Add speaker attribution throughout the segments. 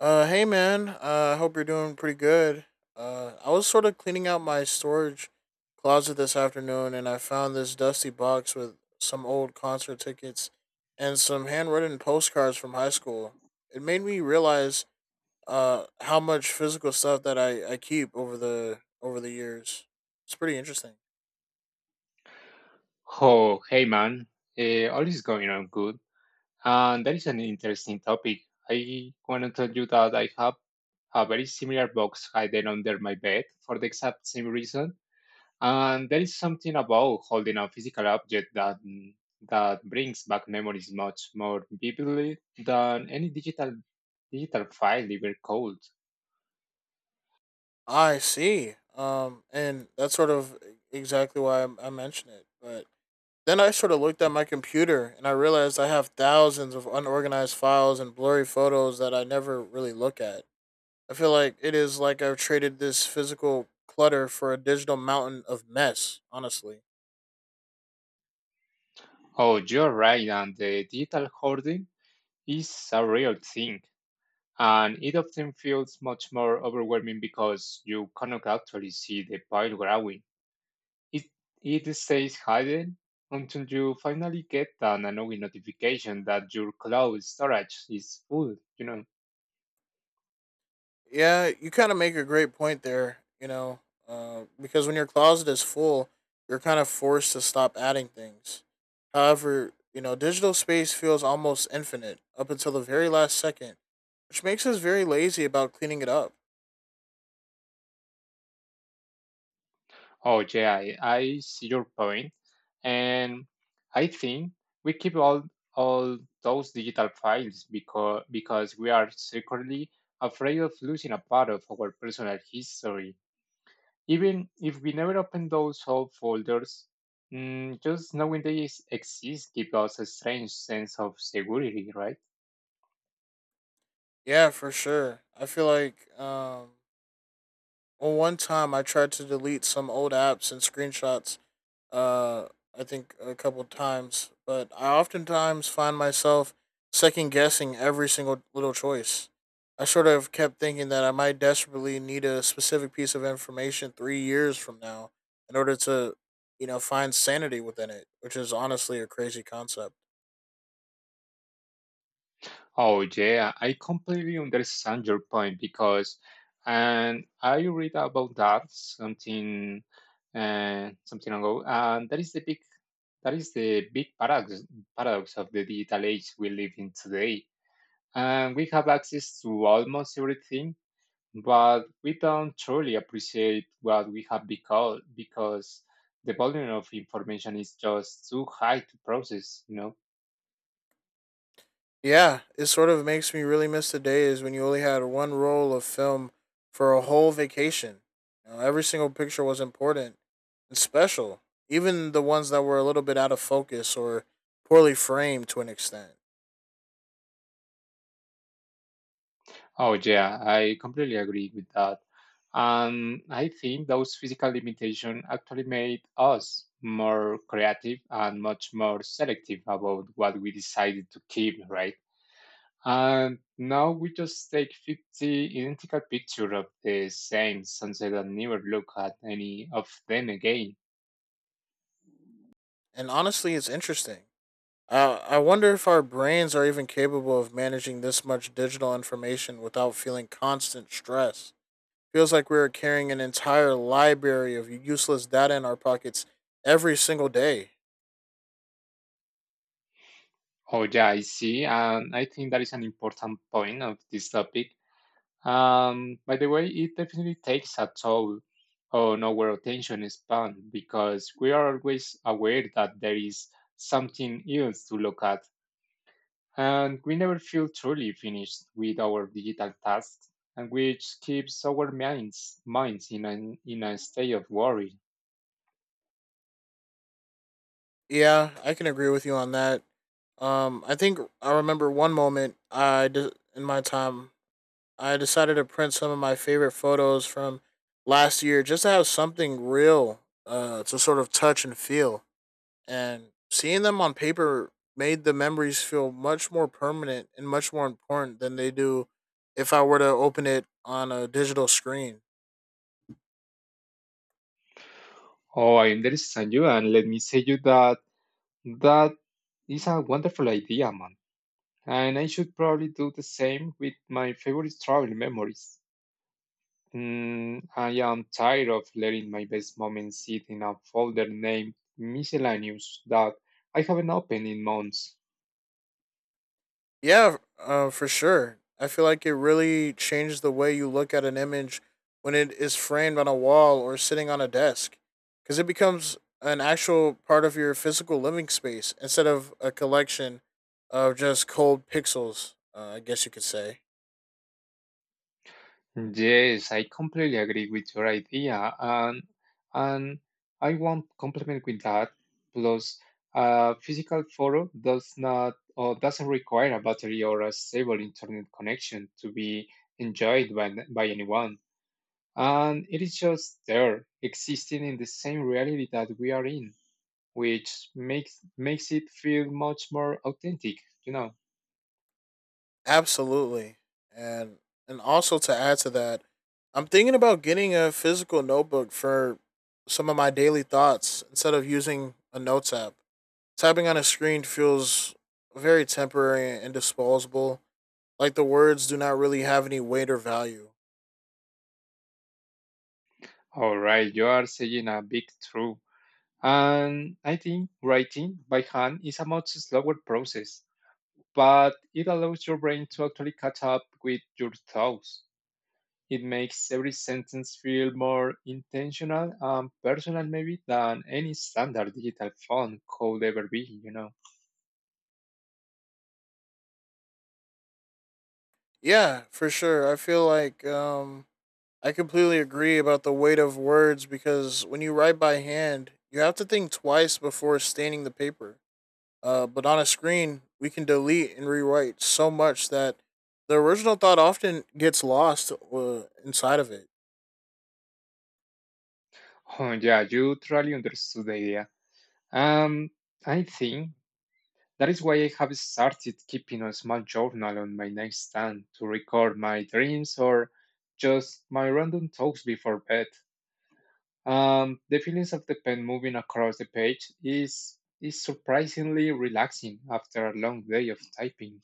Speaker 1: Hey man. I hope you're doing pretty good. I was sort of cleaning out my storage closet this afternoon, and I found this dusty box with some old concert tickets and some handwritten postcards from high school. It made me realize how much physical stuff that I keep over the years. It's pretty interesting.
Speaker 2: Oh, hey man, all is going on good, and that is an interesting topic. I want to tell you that I have a very similar box hidden under my bed for the exact same reason, and there is something about holding a physical object that brings back memories much more vividly than any digital file ever could.
Speaker 1: I see. And that's sort of exactly why I mentioned it, but. Then I sort of looked at my computer and I realized I have thousands of unorganized files and blurry photos that I never really look at. I feel like it is like I've traded this physical clutter for a digital mountain of mess, honestly.
Speaker 2: Oh, you're right, and the digital hoarding is a real thing. And it often feels much more overwhelming because you cannot actually see the pile growing. It, it stays hidden until you finally get an annoying notification that your cloud storage is full.
Speaker 1: Yeah, you kind of make a great point there, you know, because when your closet is full, you're kind of forced to stop adding things. However, you know, digital space feels almost infinite up until the very last second, which makes us very lazy about cleaning it up.
Speaker 2: Oh, yeah, I see your point. And I think we keep all those digital files because we are secretly afraid of losing a part of our personal history. Even if we never open those old folders, just knowing they exist gives us a strange sense of security, right?
Speaker 1: Yeah, for sure. I feel like well one time I tried to delete some old apps and screenshots uh I think a couple times, but I oftentimes find myself second guessing every single little choice. I sort of kept thinking that I might desperately need a specific piece of information 3 years from now in order to, you know, find sanity within it, which is honestly a crazy concept.
Speaker 2: Oh yeah, I completely understand your point because, and I read about that something, something ago, and that is the big that is the big paradox of the digital age we live in today. And we have access to almost everything, but we don't truly appreciate what we have become because the volume of information is just too high to process, you know?
Speaker 1: Yeah, it sort of makes me really miss the days when you only had one roll of film for a whole vacation. You know, every single picture was important and special, even the ones that were a little bit out of focus or poorly framed to an extent.
Speaker 2: Oh, yeah, I completely agree with that. And I think those physical limitations actually made us more creative and much more selective about what we decided to keep, right? And now we just take 50 identical pictures of the same sunset and never look at any of them again.
Speaker 1: And honestly, it's interesting. I wonder if our brains are even capable of managing this much digital information without feeling constant stress. Feels like we are carrying an entire library of useless data in our pockets every single day.
Speaker 2: Oh, yeah, I see. And I think that is an important point of this topic. By the way, it definitely takes a toll on our attention span because we are always aware that there is something else to look at, and we never feel truly finished with our digital tasks, and which keeps our minds in an in a state of worry.
Speaker 1: Yeah, I can agree with you on that. I think I remember one moment in my time I decided to print some of my favorite photos from last year just to have something real to sort of touch and feel. And seeing them on paper made the memories feel much more permanent and much more important than they do if I were to open it on a digital screen.
Speaker 2: Oh, I understand you, and let me say you that that is a wonderful idea, man. And I should probably do the same with my favorite travel memories. I am tired of letting my best moments sit in a folder named miscellaneous that I haven't opened in months.
Speaker 1: Yeah, for sure. I feel like it really changed the way you look at an image when it is framed on a wall or sitting on a desk, because it becomes an actual part of your physical living space instead of a collection of just cold pixels. I guess you could say
Speaker 2: Yes, I completely agree with your idea, and and I want compliment with that. Plus, a physical photo does not or doesn't require a battery or a stable internet connection to be enjoyed by anyone. And it is just there, existing in the same reality that we are in, which makes it feel much more authentic, you know.
Speaker 1: absolutely, and and also to add to that, I'm thinking about getting a physical notebook for some of my daily thoughts instead of using a notes app. Tapping on a screen feels very temporary and disposable. Like the words do not really have any weight or value.
Speaker 2: All right, you are saying a big truth. And I think writing by hand is a much slower process, but it allows your brain to actually catch up with your thoughts. It makes every sentence feel more intentional and personal, maybe, than any standard digital font could ever be, you know.
Speaker 1: Yeah, for sure. I feel like I completely agree about the weight of words because when you write by hand, you have to think twice before staining the paper. But on a screen, we can delete and rewrite so much that the original thought often gets lost inside of it.
Speaker 2: Oh, yeah, you truly understood the idea. Um, I think that is why I have started keeping a small journal on my nightstand to record my dreams or just my random talks before bed. The feelings of the pen moving across the page is surprisingly relaxing after a long day of typing.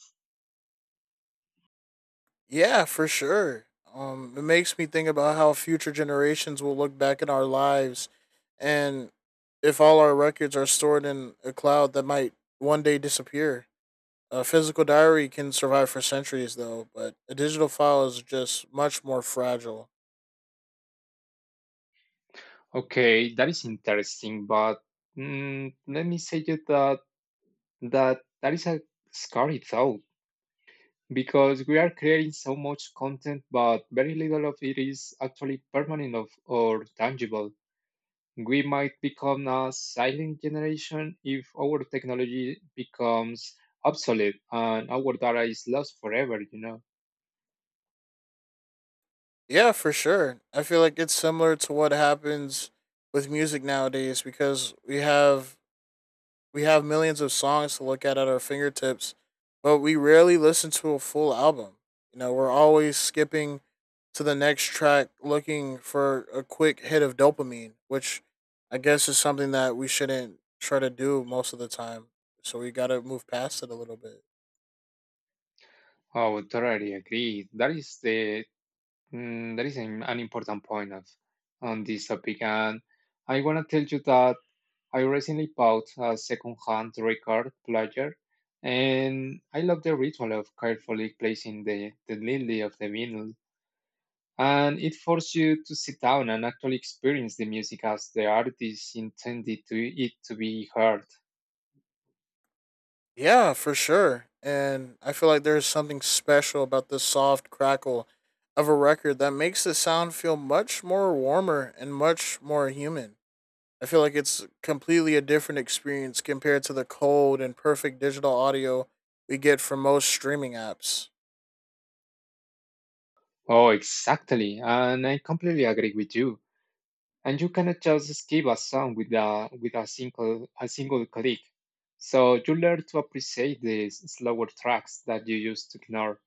Speaker 1: Yeah, for sure. It makes me think about how future generations will look back at our lives, and if all our records are stored in a cloud that might one day disappear. A physical diary can survive for centuries, though, but a digital file is just much more fragile.
Speaker 2: Okay, that is interesting, but let me say you that is a scary thought, because we are creating so much content, but very little of it is actually permanent of, or tangible. We might become a silent generation if our technology becomes obsolete and our data is lost forever, you know.
Speaker 1: Yeah, for sure. I feel like it's similar to what happens with music nowadays because we have millions of songs to look at our fingertips, but we rarely listen to a full album. You know, we're always skipping to the next track looking for a quick hit of dopamine, which I guess is something that we shouldn't try to do most of the time. So we got to move past it a little bit.
Speaker 2: Oh, totally agree. That is that is an important point of on this topic, and I wanna tell you that I recently bought a second-hand record player, and I love the ritual of carefully placing the lily of the vinyl. And it forces you to sit down and actually experience the music as the artist intended to it to be heard.
Speaker 1: Yeah, for sure. And I feel like there's something special about the soft crackle of a record that makes the sound feel much more warmer and much more human. I feel like it's completely a different experience compared to the cold and perfect digital audio we get from most streaming apps.
Speaker 2: Oh, exactly. And I completely agree with you. And you cannot just skip a song with a single a single click. So you learn to appreciate the slower tracks that you used to ignore.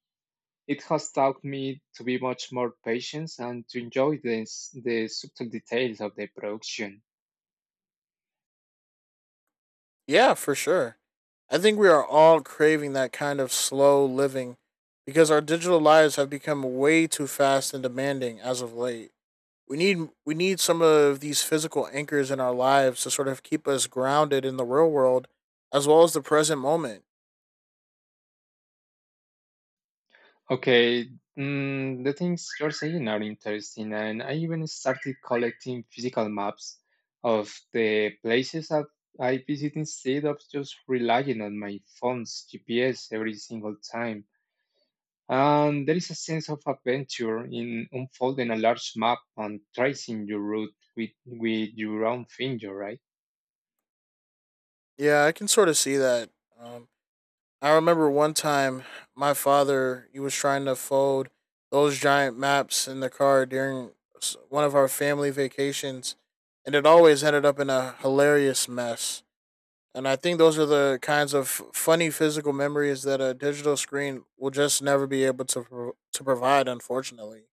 Speaker 2: It has taught me to be much more patient and to enjoy the subtle details of the production.
Speaker 1: Yeah, for sure. I think we are all craving that kind of slow living because our digital lives have become way too fast and demanding as of late. We need some of these physical anchors in our lives to sort of keep us grounded in the real world as well as the present moment.
Speaker 2: Okay, the things you're saying are interesting, and I even started collecting physical maps of the places that I visit instead of just relying on my phone's GPS every single time. And there is a sense of adventure in unfolding a large map and tracing your route with your own finger, right?
Speaker 1: Yeah, I can sort of see that. Um, I remember one time my father he was trying to fold those giant maps in the car during one of our family vacations, and it always ended up in a hilarious mess. And I think those are the kinds of funny physical memories that a digital screen will just never be able to to provide, unfortunately.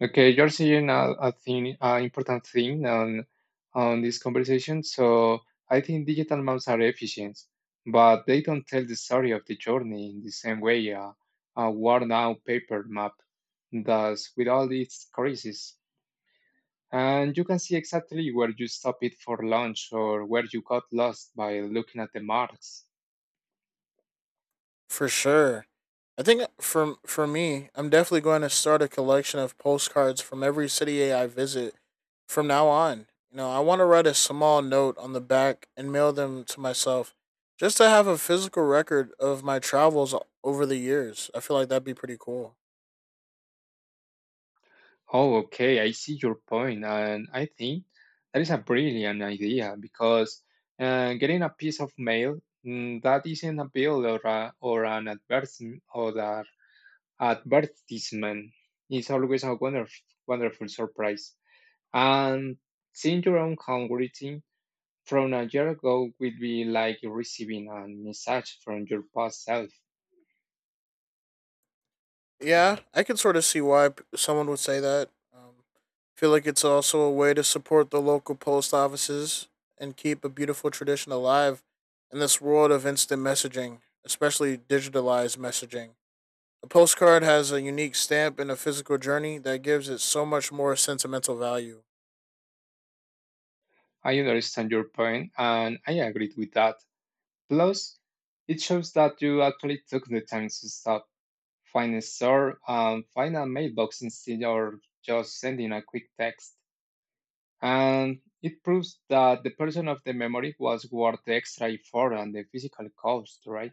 Speaker 2: Okay, you're seeing a thing, an important thing on this conversation. So I think digital maps are efficient, but they don't tell the story of the journey in the same way a worn-out paper map does with all its creases. And you can see exactly where you stopped it for lunch or where you got lost by looking at the marks.
Speaker 1: For sure. I think for me, I'm definitely going to start a collection of postcards from every city I visit from now on. You know, I want to write a small note on the back and mail them to myself just to have a physical record of my travels over the years. I feel like that'd be pretty cool.
Speaker 2: Oh, okay. I see your point, and I think that is a brilliant idea because getting a piece of mail, that isn't a bill or an advertisement or a advertisement is always a wonderful, wonderful surprise. And seeing your own handwriting from a year ago will be like receiving a message from your past self.
Speaker 1: Yeah, I can sort of see why someone would say that. Um, feel like it's also a way to support the local post offices and keep a beautiful tradition alive in this world of instant messaging, especially digitalized messaging. A postcard has a unique stamp and a physical journey that gives it so much more sentimental value.
Speaker 2: I understand your point, and I agree with that. Plus, it shows that you actually took the time to stop, find a store, and find a mailbox instead of just sending a quick text. And it proves that the person of the memory was worth the extra effort and the physical cost, right?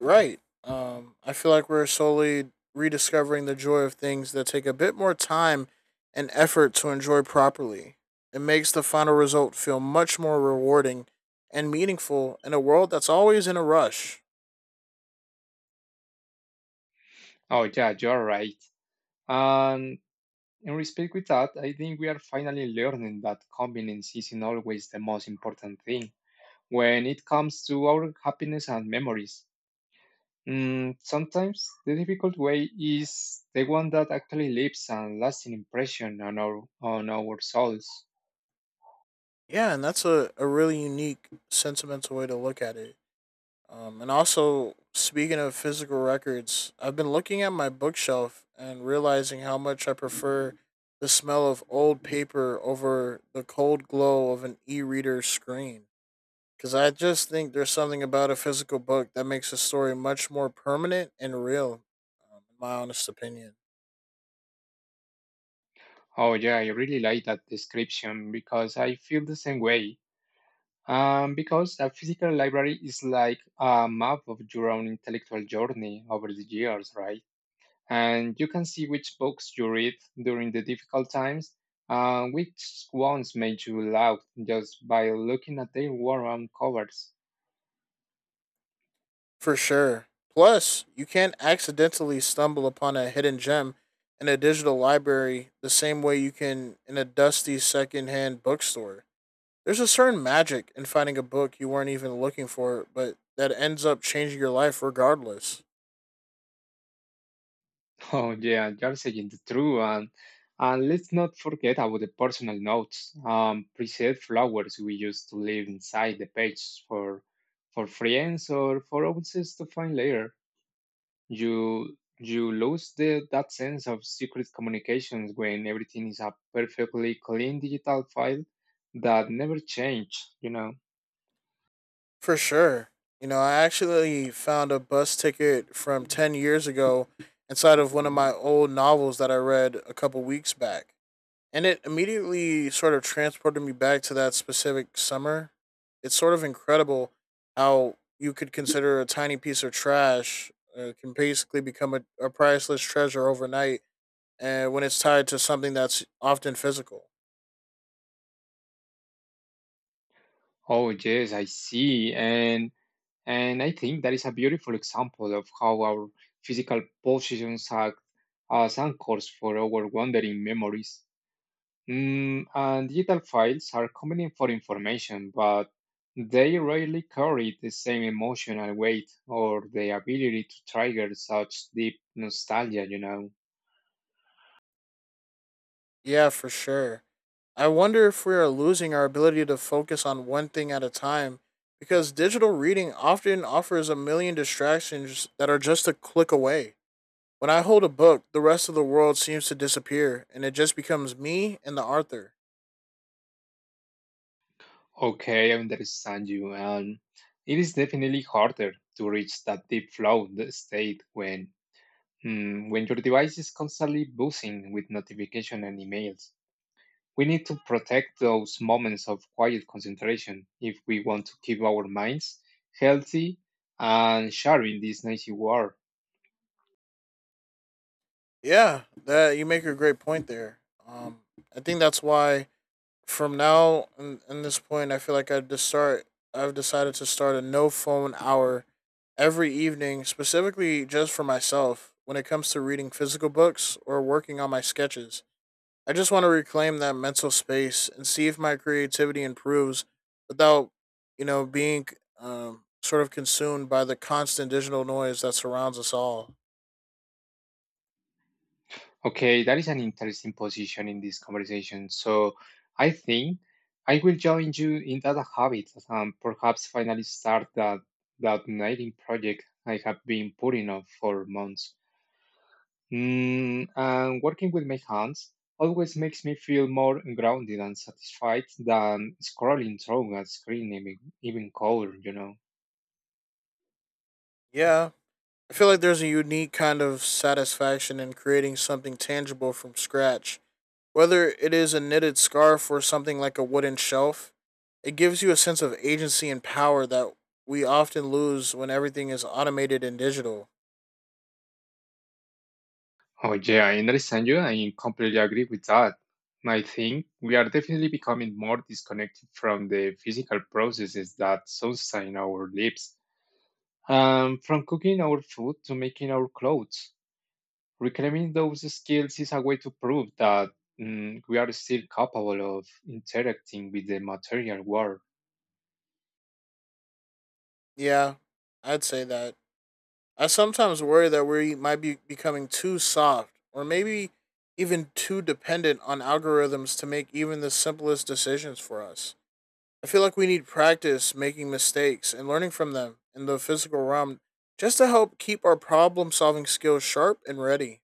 Speaker 1: Right. I feel like we're slowly rediscovering the joy of things that take a bit more time and effort to enjoy properly. It makes the final result feel much more rewarding and meaningful in a world that's always in a rush.
Speaker 2: Oh, yeah, you're right. And in respect with that, I think we are finally learning that convenience isn't always the most important thing when it comes to our happiness and memories. Sometimes the difficult way is the one that actually leaves a lasting impression on our souls.
Speaker 1: Yeah, and that's a really unique, sentimental way to look at it. And also, speaking of physical records, I've been looking at my bookshelf and realizing how much I prefer the smell of old paper over the cold glow of an e reader screen. Because I just think there's something about a physical book that makes a story much more permanent and real, in my honest opinion.
Speaker 2: Oh yeah, I really like that description because I feel the same way. Because a physical library is like a map of your own intellectual journey over the years, right? And you can see which books you read during the difficult times, and which ones made you laugh just by looking at their warm covers.
Speaker 1: For sure. Plus, you can't accidentally stumble upon a hidden gem in a digital library the same way you can in a dusty secondhand bookstore. There's a certain magic in finding a book you weren't even looking for, but that ends up changing your life regardless.
Speaker 2: Oh yeah, you're saying the true, and let's not forget about the personal notes, preset flowers we used to leave inside the page for friends or for others to find later. You lose the that sense of secret communications when everything is a perfectly clean digital file that never change, you know.
Speaker 1: For sure. You know, I actually found a bus ticket from 10 years ago inside of one of my old novels that I read a couple weeks back. And it immediately sort of transported me back to that specific summer. It's sort of incredible how you could consider a tiny piece of trash can basically become a priceless treasure overnight, and when it's tied to something that's often physical.
Speaker 2: Oh yes, I see. And I think that is a beautiful example of how our physical possessions act as anchors for our wandering memories. And digital files are convenient for information, but they rarely carry the same emotional weight or the ability to trigger such deep nostalgia, you know.
Speaker 1: Yeah, for sure. I wonder if we are losing our ability to focus on one thing at a time because digital reading often offers a million distractions that are just a click away. When I hold a book, the rest of the world seems to disappear, and it just becomes me and the author.
Speaker 2: Okay, I understand you. And it is definitely harder to reach that deep flow the state when when your device is constantly buzzing with notifications and emails. We need to protect those moments of quiet concentration if we want to keep our minds healthy and sharp in this noisy world.
Speaker 1: Yeah, that you make a great point there. Um, I think that's why in this point, I feel like I just start. I've decided to start a no phone hour every evening, specifically just for myself. When it comes to reading physical books or working on my sketches, I just want to reclaim that mental space and see if my creativity improves without, you know, being sort of consumed by the constant digital noise that surrounds us all.
Speaker 2: Okay, that is an interesting position in this conversation. So I think I will join you in that habit and perhaps finally start that writing project I have been putting off for months. And working with my hands always makes me feel more grounded and satisfied than scrolling through a screen, even color, you know.
Speaker 1: Yeah, I feel like there's a unique kind of satisfaction in creating something tangible from scratch. Whether it is a knitted scarf or something like a wooden shelf, it gives you a sense of agency and power that we often lose when everything is automated and digital.
Speaker 2: Oh, yeah, I understand you. I completely agree with that. I think we are definitely becoming more disconnected from the physical processes that sustain our lives, from cooking our food to making our clothes. Reclaiming those skills is a way to prove that we are still capable of interacting with the material world.
Speaker 1: Yeah, I'd say that. I sometimes worry that we might be becoming too soft or maybe even too dependent on algorithms to make even the simplest decisions for us. I feel like we need practice making mistakes and learning from them in the physical realm just to help keep our problem solving skills sharp and ready.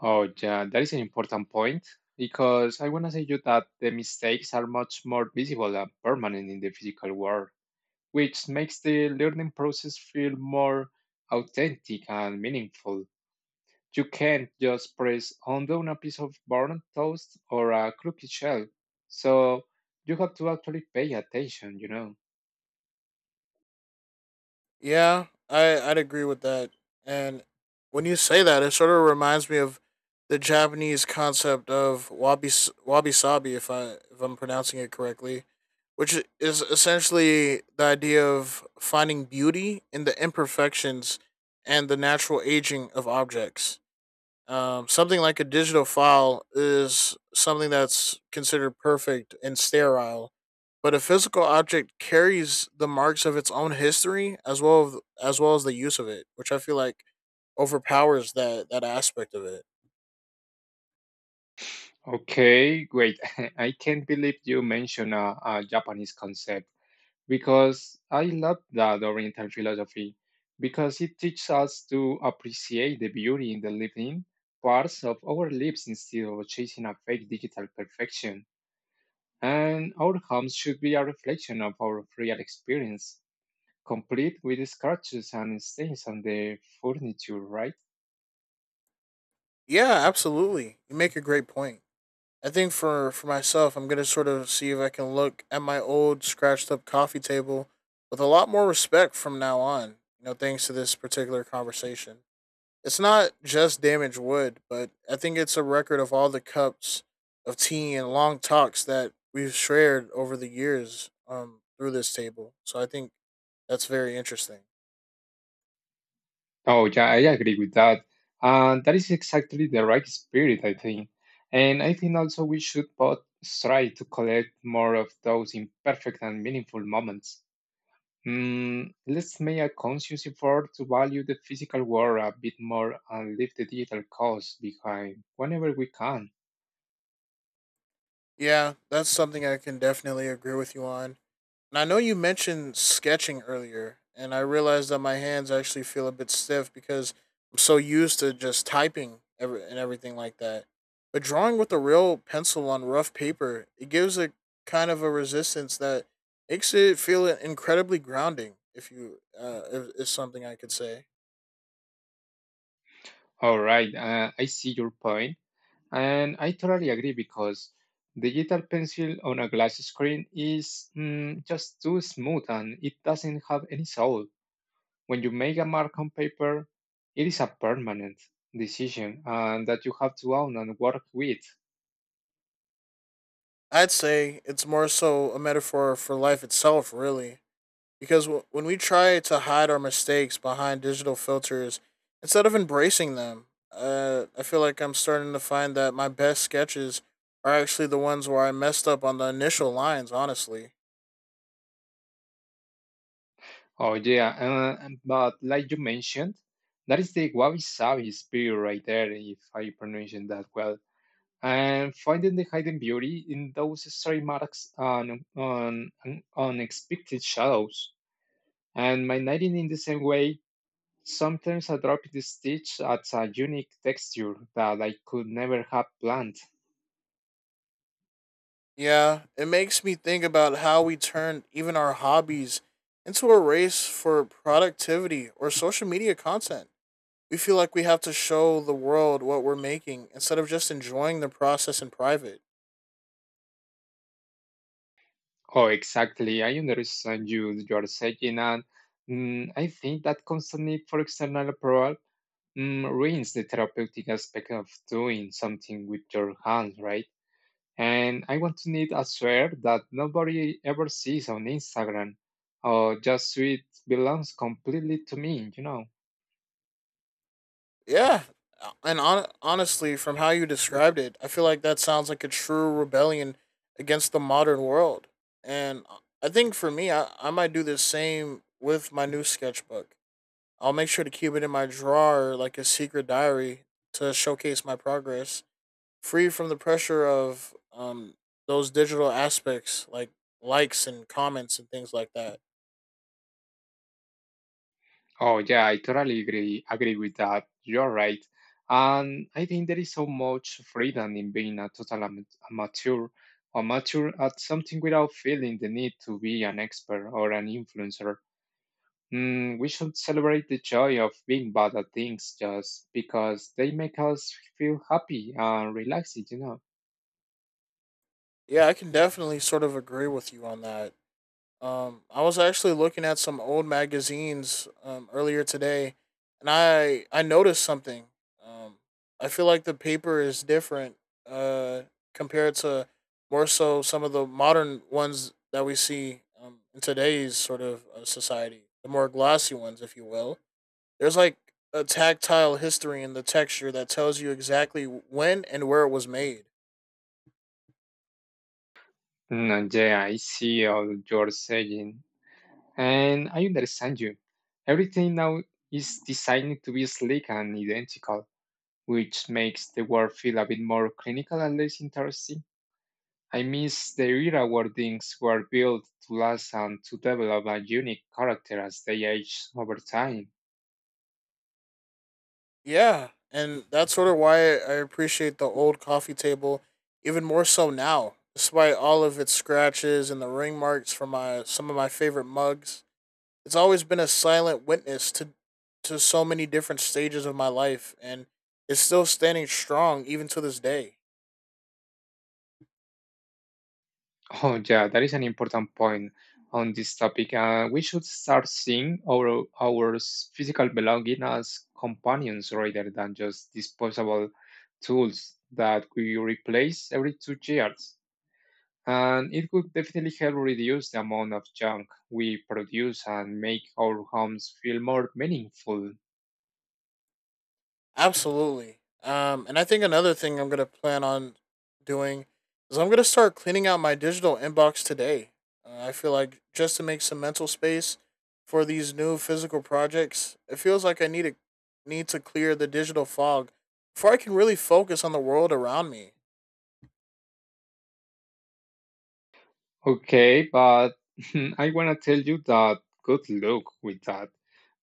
Speaker 2: Oh, yeah, that is an important point because I want to say you that the mistakes are much more visible and permanent in the physical world, which makes the learning process feel more authentic and meaningful. You can't just press undo on a piece of burnt toast or a cookie shell, so you have to actually pay attention, you know.
Speaker 1: Yeah, I'd agree with that. And when you say that, it sort of reminds me of the Japanese concept of wabi sabi, if I'm pronouncing it correctly, which is essentially the idea of finding beauty in the imperfections and the natural aging of objects. Something like a digital file is something that's considered perfect and sterile, but a physical object carries the marks of its own history as well as well as the use of it, which I feel like overpowers that aspect of it.
Speaker 2: Okay, great. I can't believe you mentioned a Japanese concept because I love that Oriental philosophy because it teaches us to appreciate the beauty in the living parts of our lives instead of chasing a fake digital perfection. And our homes should be a reflection of our real experience, complete with scratches and stains on the furniture, right?
Speaker 1: Yeah, absolutely. You make a great point. I think for myself, I'm gonna sort of see if I can look at my old scratched up coffee table with a lot more respect from now on, You know, thanks to this particular conversation. It's not just damaged wood, but I think it's a record of all the cups of tea and long talks that we've shared over the years through this table. So I think that's very interesting.
Speaker 2: Oh, yeah, I agree with that. And that is exactly the right spirit, I think. And I think also we should both try to collect more of those imperfect and meaningful moments. Let's make a conscious effort to value the physical world a bit more and leave the digital cause behind whenever we can.
Speaker 1: Yeah, that's something I can definitely agree with you on. And I know you mentioned sketching earlier, and I realized that my hands actually feel a bit stiff because I'm so used to just typing everything like that. But drawing with a real pencil on rough paper, it gives a kind of a resistance that makes it feel incredibly grounding. If you, is something I could say.
Speaker 2: All right, I see your point. And I totally agree because digital pencil on a glass screen is just too smooth, and it doesn't have any soul. When you make a mark on paper, it is a permanent decision, and that you have to own and work with.
Speaker 1: I'd say it's more so a metaphor for life itself, really, because when we try to hide our mistakes behind digital filters instead of embracing them, I feel like I'm starting to find that my best sketches are actually the ones where I messed up on the initial lines, honestly.
Speaker 2: Oh yeah, but like you mentioned, that is the wabi-sabi spirit right there, if I pronounce it that well. And finding the hidden beauty in those stray marks and on unexpected shadows. And my knitting in the same way, sometimes I drop the stitch at a unique texture that I could never have planned.
Speaker 1: Yeah, it makes me think about how we turned even our hobbies into a race for productivity or social media content. We feel like we have to show the world what we're making instead of just enjoying the process in private.
Speaker 2: Oh, exactly. I understand you're saying, and I think that constant need for external approval ruins the therapeutic aspect of doing something with your hands, right? And I want to need a sweater that nobody ever sees on Instagram, or just so it belongs completely to me.
Speaker 1: Yeah. And honestly, from how you described it, I feel like that sounds like a true rebellion against the modern world. And I think for me, I might do the same with my new sketchbook. I'll make sure to keep it in my drawer like a secret diary to showcase my progress, free from the pressure of those digital aspects like likes and comments and things like that.
Speaker 2: Oh, yeah, I totally agree with that. You're right. And I think there is so much freedom in being a total amateur, or mature at something without feeling the need to be an expert or an influencer. We should celebrate the joy of being bad at things just because they make us feel happy and relaxed.
Speaker 1: Yeah, I can definitely sort of agree with you on that. I was actually looking at some old magazines earlier today, and I noticed something. Um, I feel like the paper is different uh, compared to more so some of the modern ones that we see in today's sort of society, the more glossy ones, if you will. There's like a tactile history in the texture that tells you exactly when and where it was made.
Speaker 2: Yeah, I see all you're saying, and I understand you. Everything now is designed to be sleek and identical, which makes the work feel a bit more clinical and less interesting. I miss the era where things were built to last and to develop a unique character as they age over time.
Speaker 1: Yeah, and that's sort of why I appreciate the old coffee table even more so now, despite all of its scratches and the ring marks from my some of my favorite mugs. It's always been a silent witness to so many different stages of my life, and it's still standing strong even to this day.
Speaker 2: Oh, yeah, that is an important point on this topic. We should start seeing physical belonging as companions rather than just disposable tools that we replace every 2 years. And it would definitely help reduce the amount of junk we produce and make our homes feel more meaningful.
Speaker 1: Absolutely. And I think another thing I'm gonna plan on doing is I'm gonna start cleaning out my digital inbox today. I feel like just to make some mental space for these new physical projects, it feels like I need to clear the digital fog before I can really focus on the world around me.
Speaker 2: Okay, but I want to tell you that good luck with that,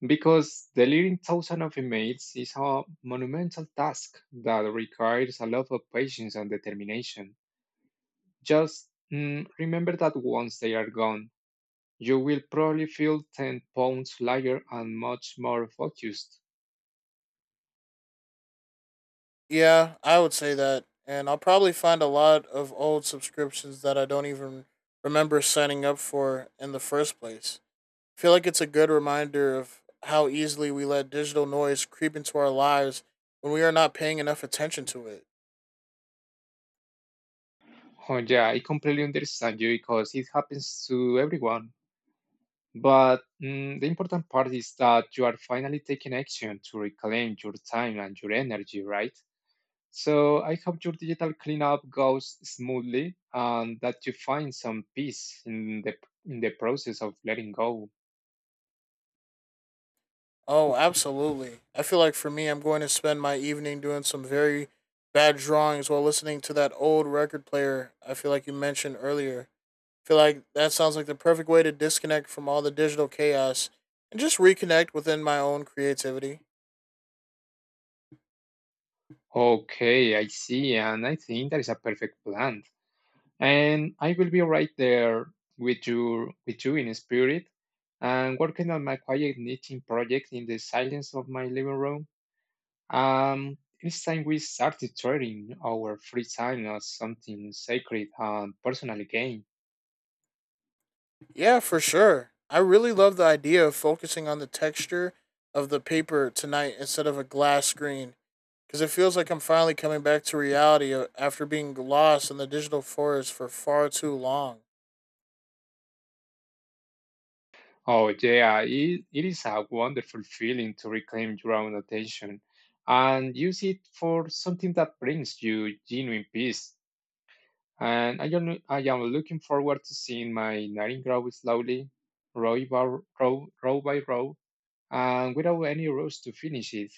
Speaker 2: because delivering thousands of emails is a monumental task that requires a lot of patience and determination. Just remember that once they are gone, you will probably feel 10 pounds lighter and much more focused.
Speaker 1: Yeah, I would say that, and I'll probably find a lot of old subscriptions that I don't even remember signing up for in the first place. I feel like it's a good reminder of how easily we let digital noise creep into our lives when we are not paying enough attention to it.
Speaker 2: Oh, yeah, I completely understand you because it happens to everyone. But the important part is that you are finally taking action to reclaim your time and your energy, right? So I hope your digital cleanup goes smoothly and that you find some peace in the process of letting go.
Speaker 1: Oh, absolutely. I feel like for me, I'm going to spend my evening doing some very bad drawings while listening to that old record player I feel like you mentioned earlier. I feel like that sounds like the perfect way to disconnect from all the digital chaos and just reconnect within my own creativity.
Speaker 2: Okay, I see, and I think that is a perfect plan. And I will be right there with you in spirit, and working on my quiet knitting project in the silence of my living room. It's time we started turning our free time as something sacred and personal again.
Speaker 1: Yeah, for sure. I really love the idea of focusing on the texture of the paper tonight instead of a glass screen, because it feels like I'm finally coming back to reality after being lost in the digital forest for far too long.
Speaker 2: Oh yeah, it is a wonderful feeling to reclaim your own attention and use it for something that brings you genuine peace. And I am looking forward to seeing my knitting grow slowly, row by row by row, and without any rush to finish it.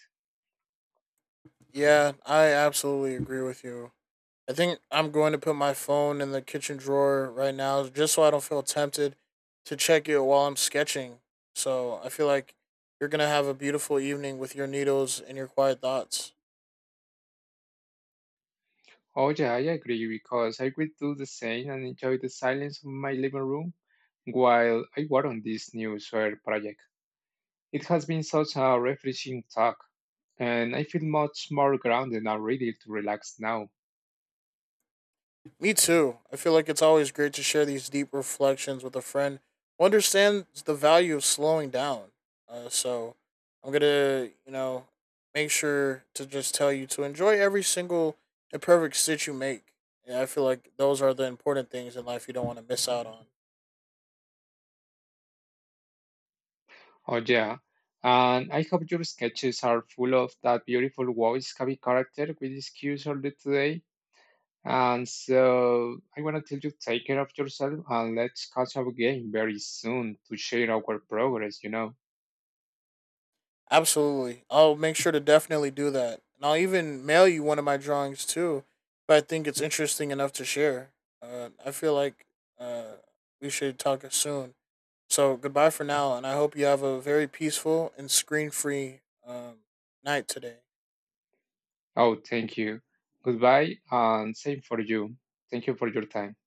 Speaker 1: Yeah, I absolutely agree with you. I think I'm going to put my phone in the kitchen drawer right now just so I don't feel tempted to check it while I'm sketching. So I feel like you're going to have a beautiful evening with your needles and your quiet thoughts.
Speaker 2: Oh yeah, I agree, because I will do the same and enjoy the silence of my living room while I work on this new soil project. It has been such a refreshing talk, and I feel much more grounded and ready to relax now.
Speaker 1: Me too. I feel like it's always great to share these deep reflections with a friend who understands the value of slowing down. So I'm gonna, you know, make sure to just tell you to enjoy every single imperfect stitch you make. And I feel like those are the important things in life you don't want to miss out on.
Speaker 2: Oh, yeah. And I hope your sketches are full of that beautiful Wabi-Sabi character we discussed earlier today. And so I want to tell you take care of yourself, and let's catch up again very soon to share our progress.
Speaker 1: Absolutely. I'll make sure to definitely do that. And I'll even mail you one of my drawings too if I think it's interesting enough to share. I feel like uh, we should talk soon. So goodbye for now, and I hope you have a very peaceful and screen free um, night today.
Speaker 2: Oh, thank you. Goodbye and same for you. Thank you for your time.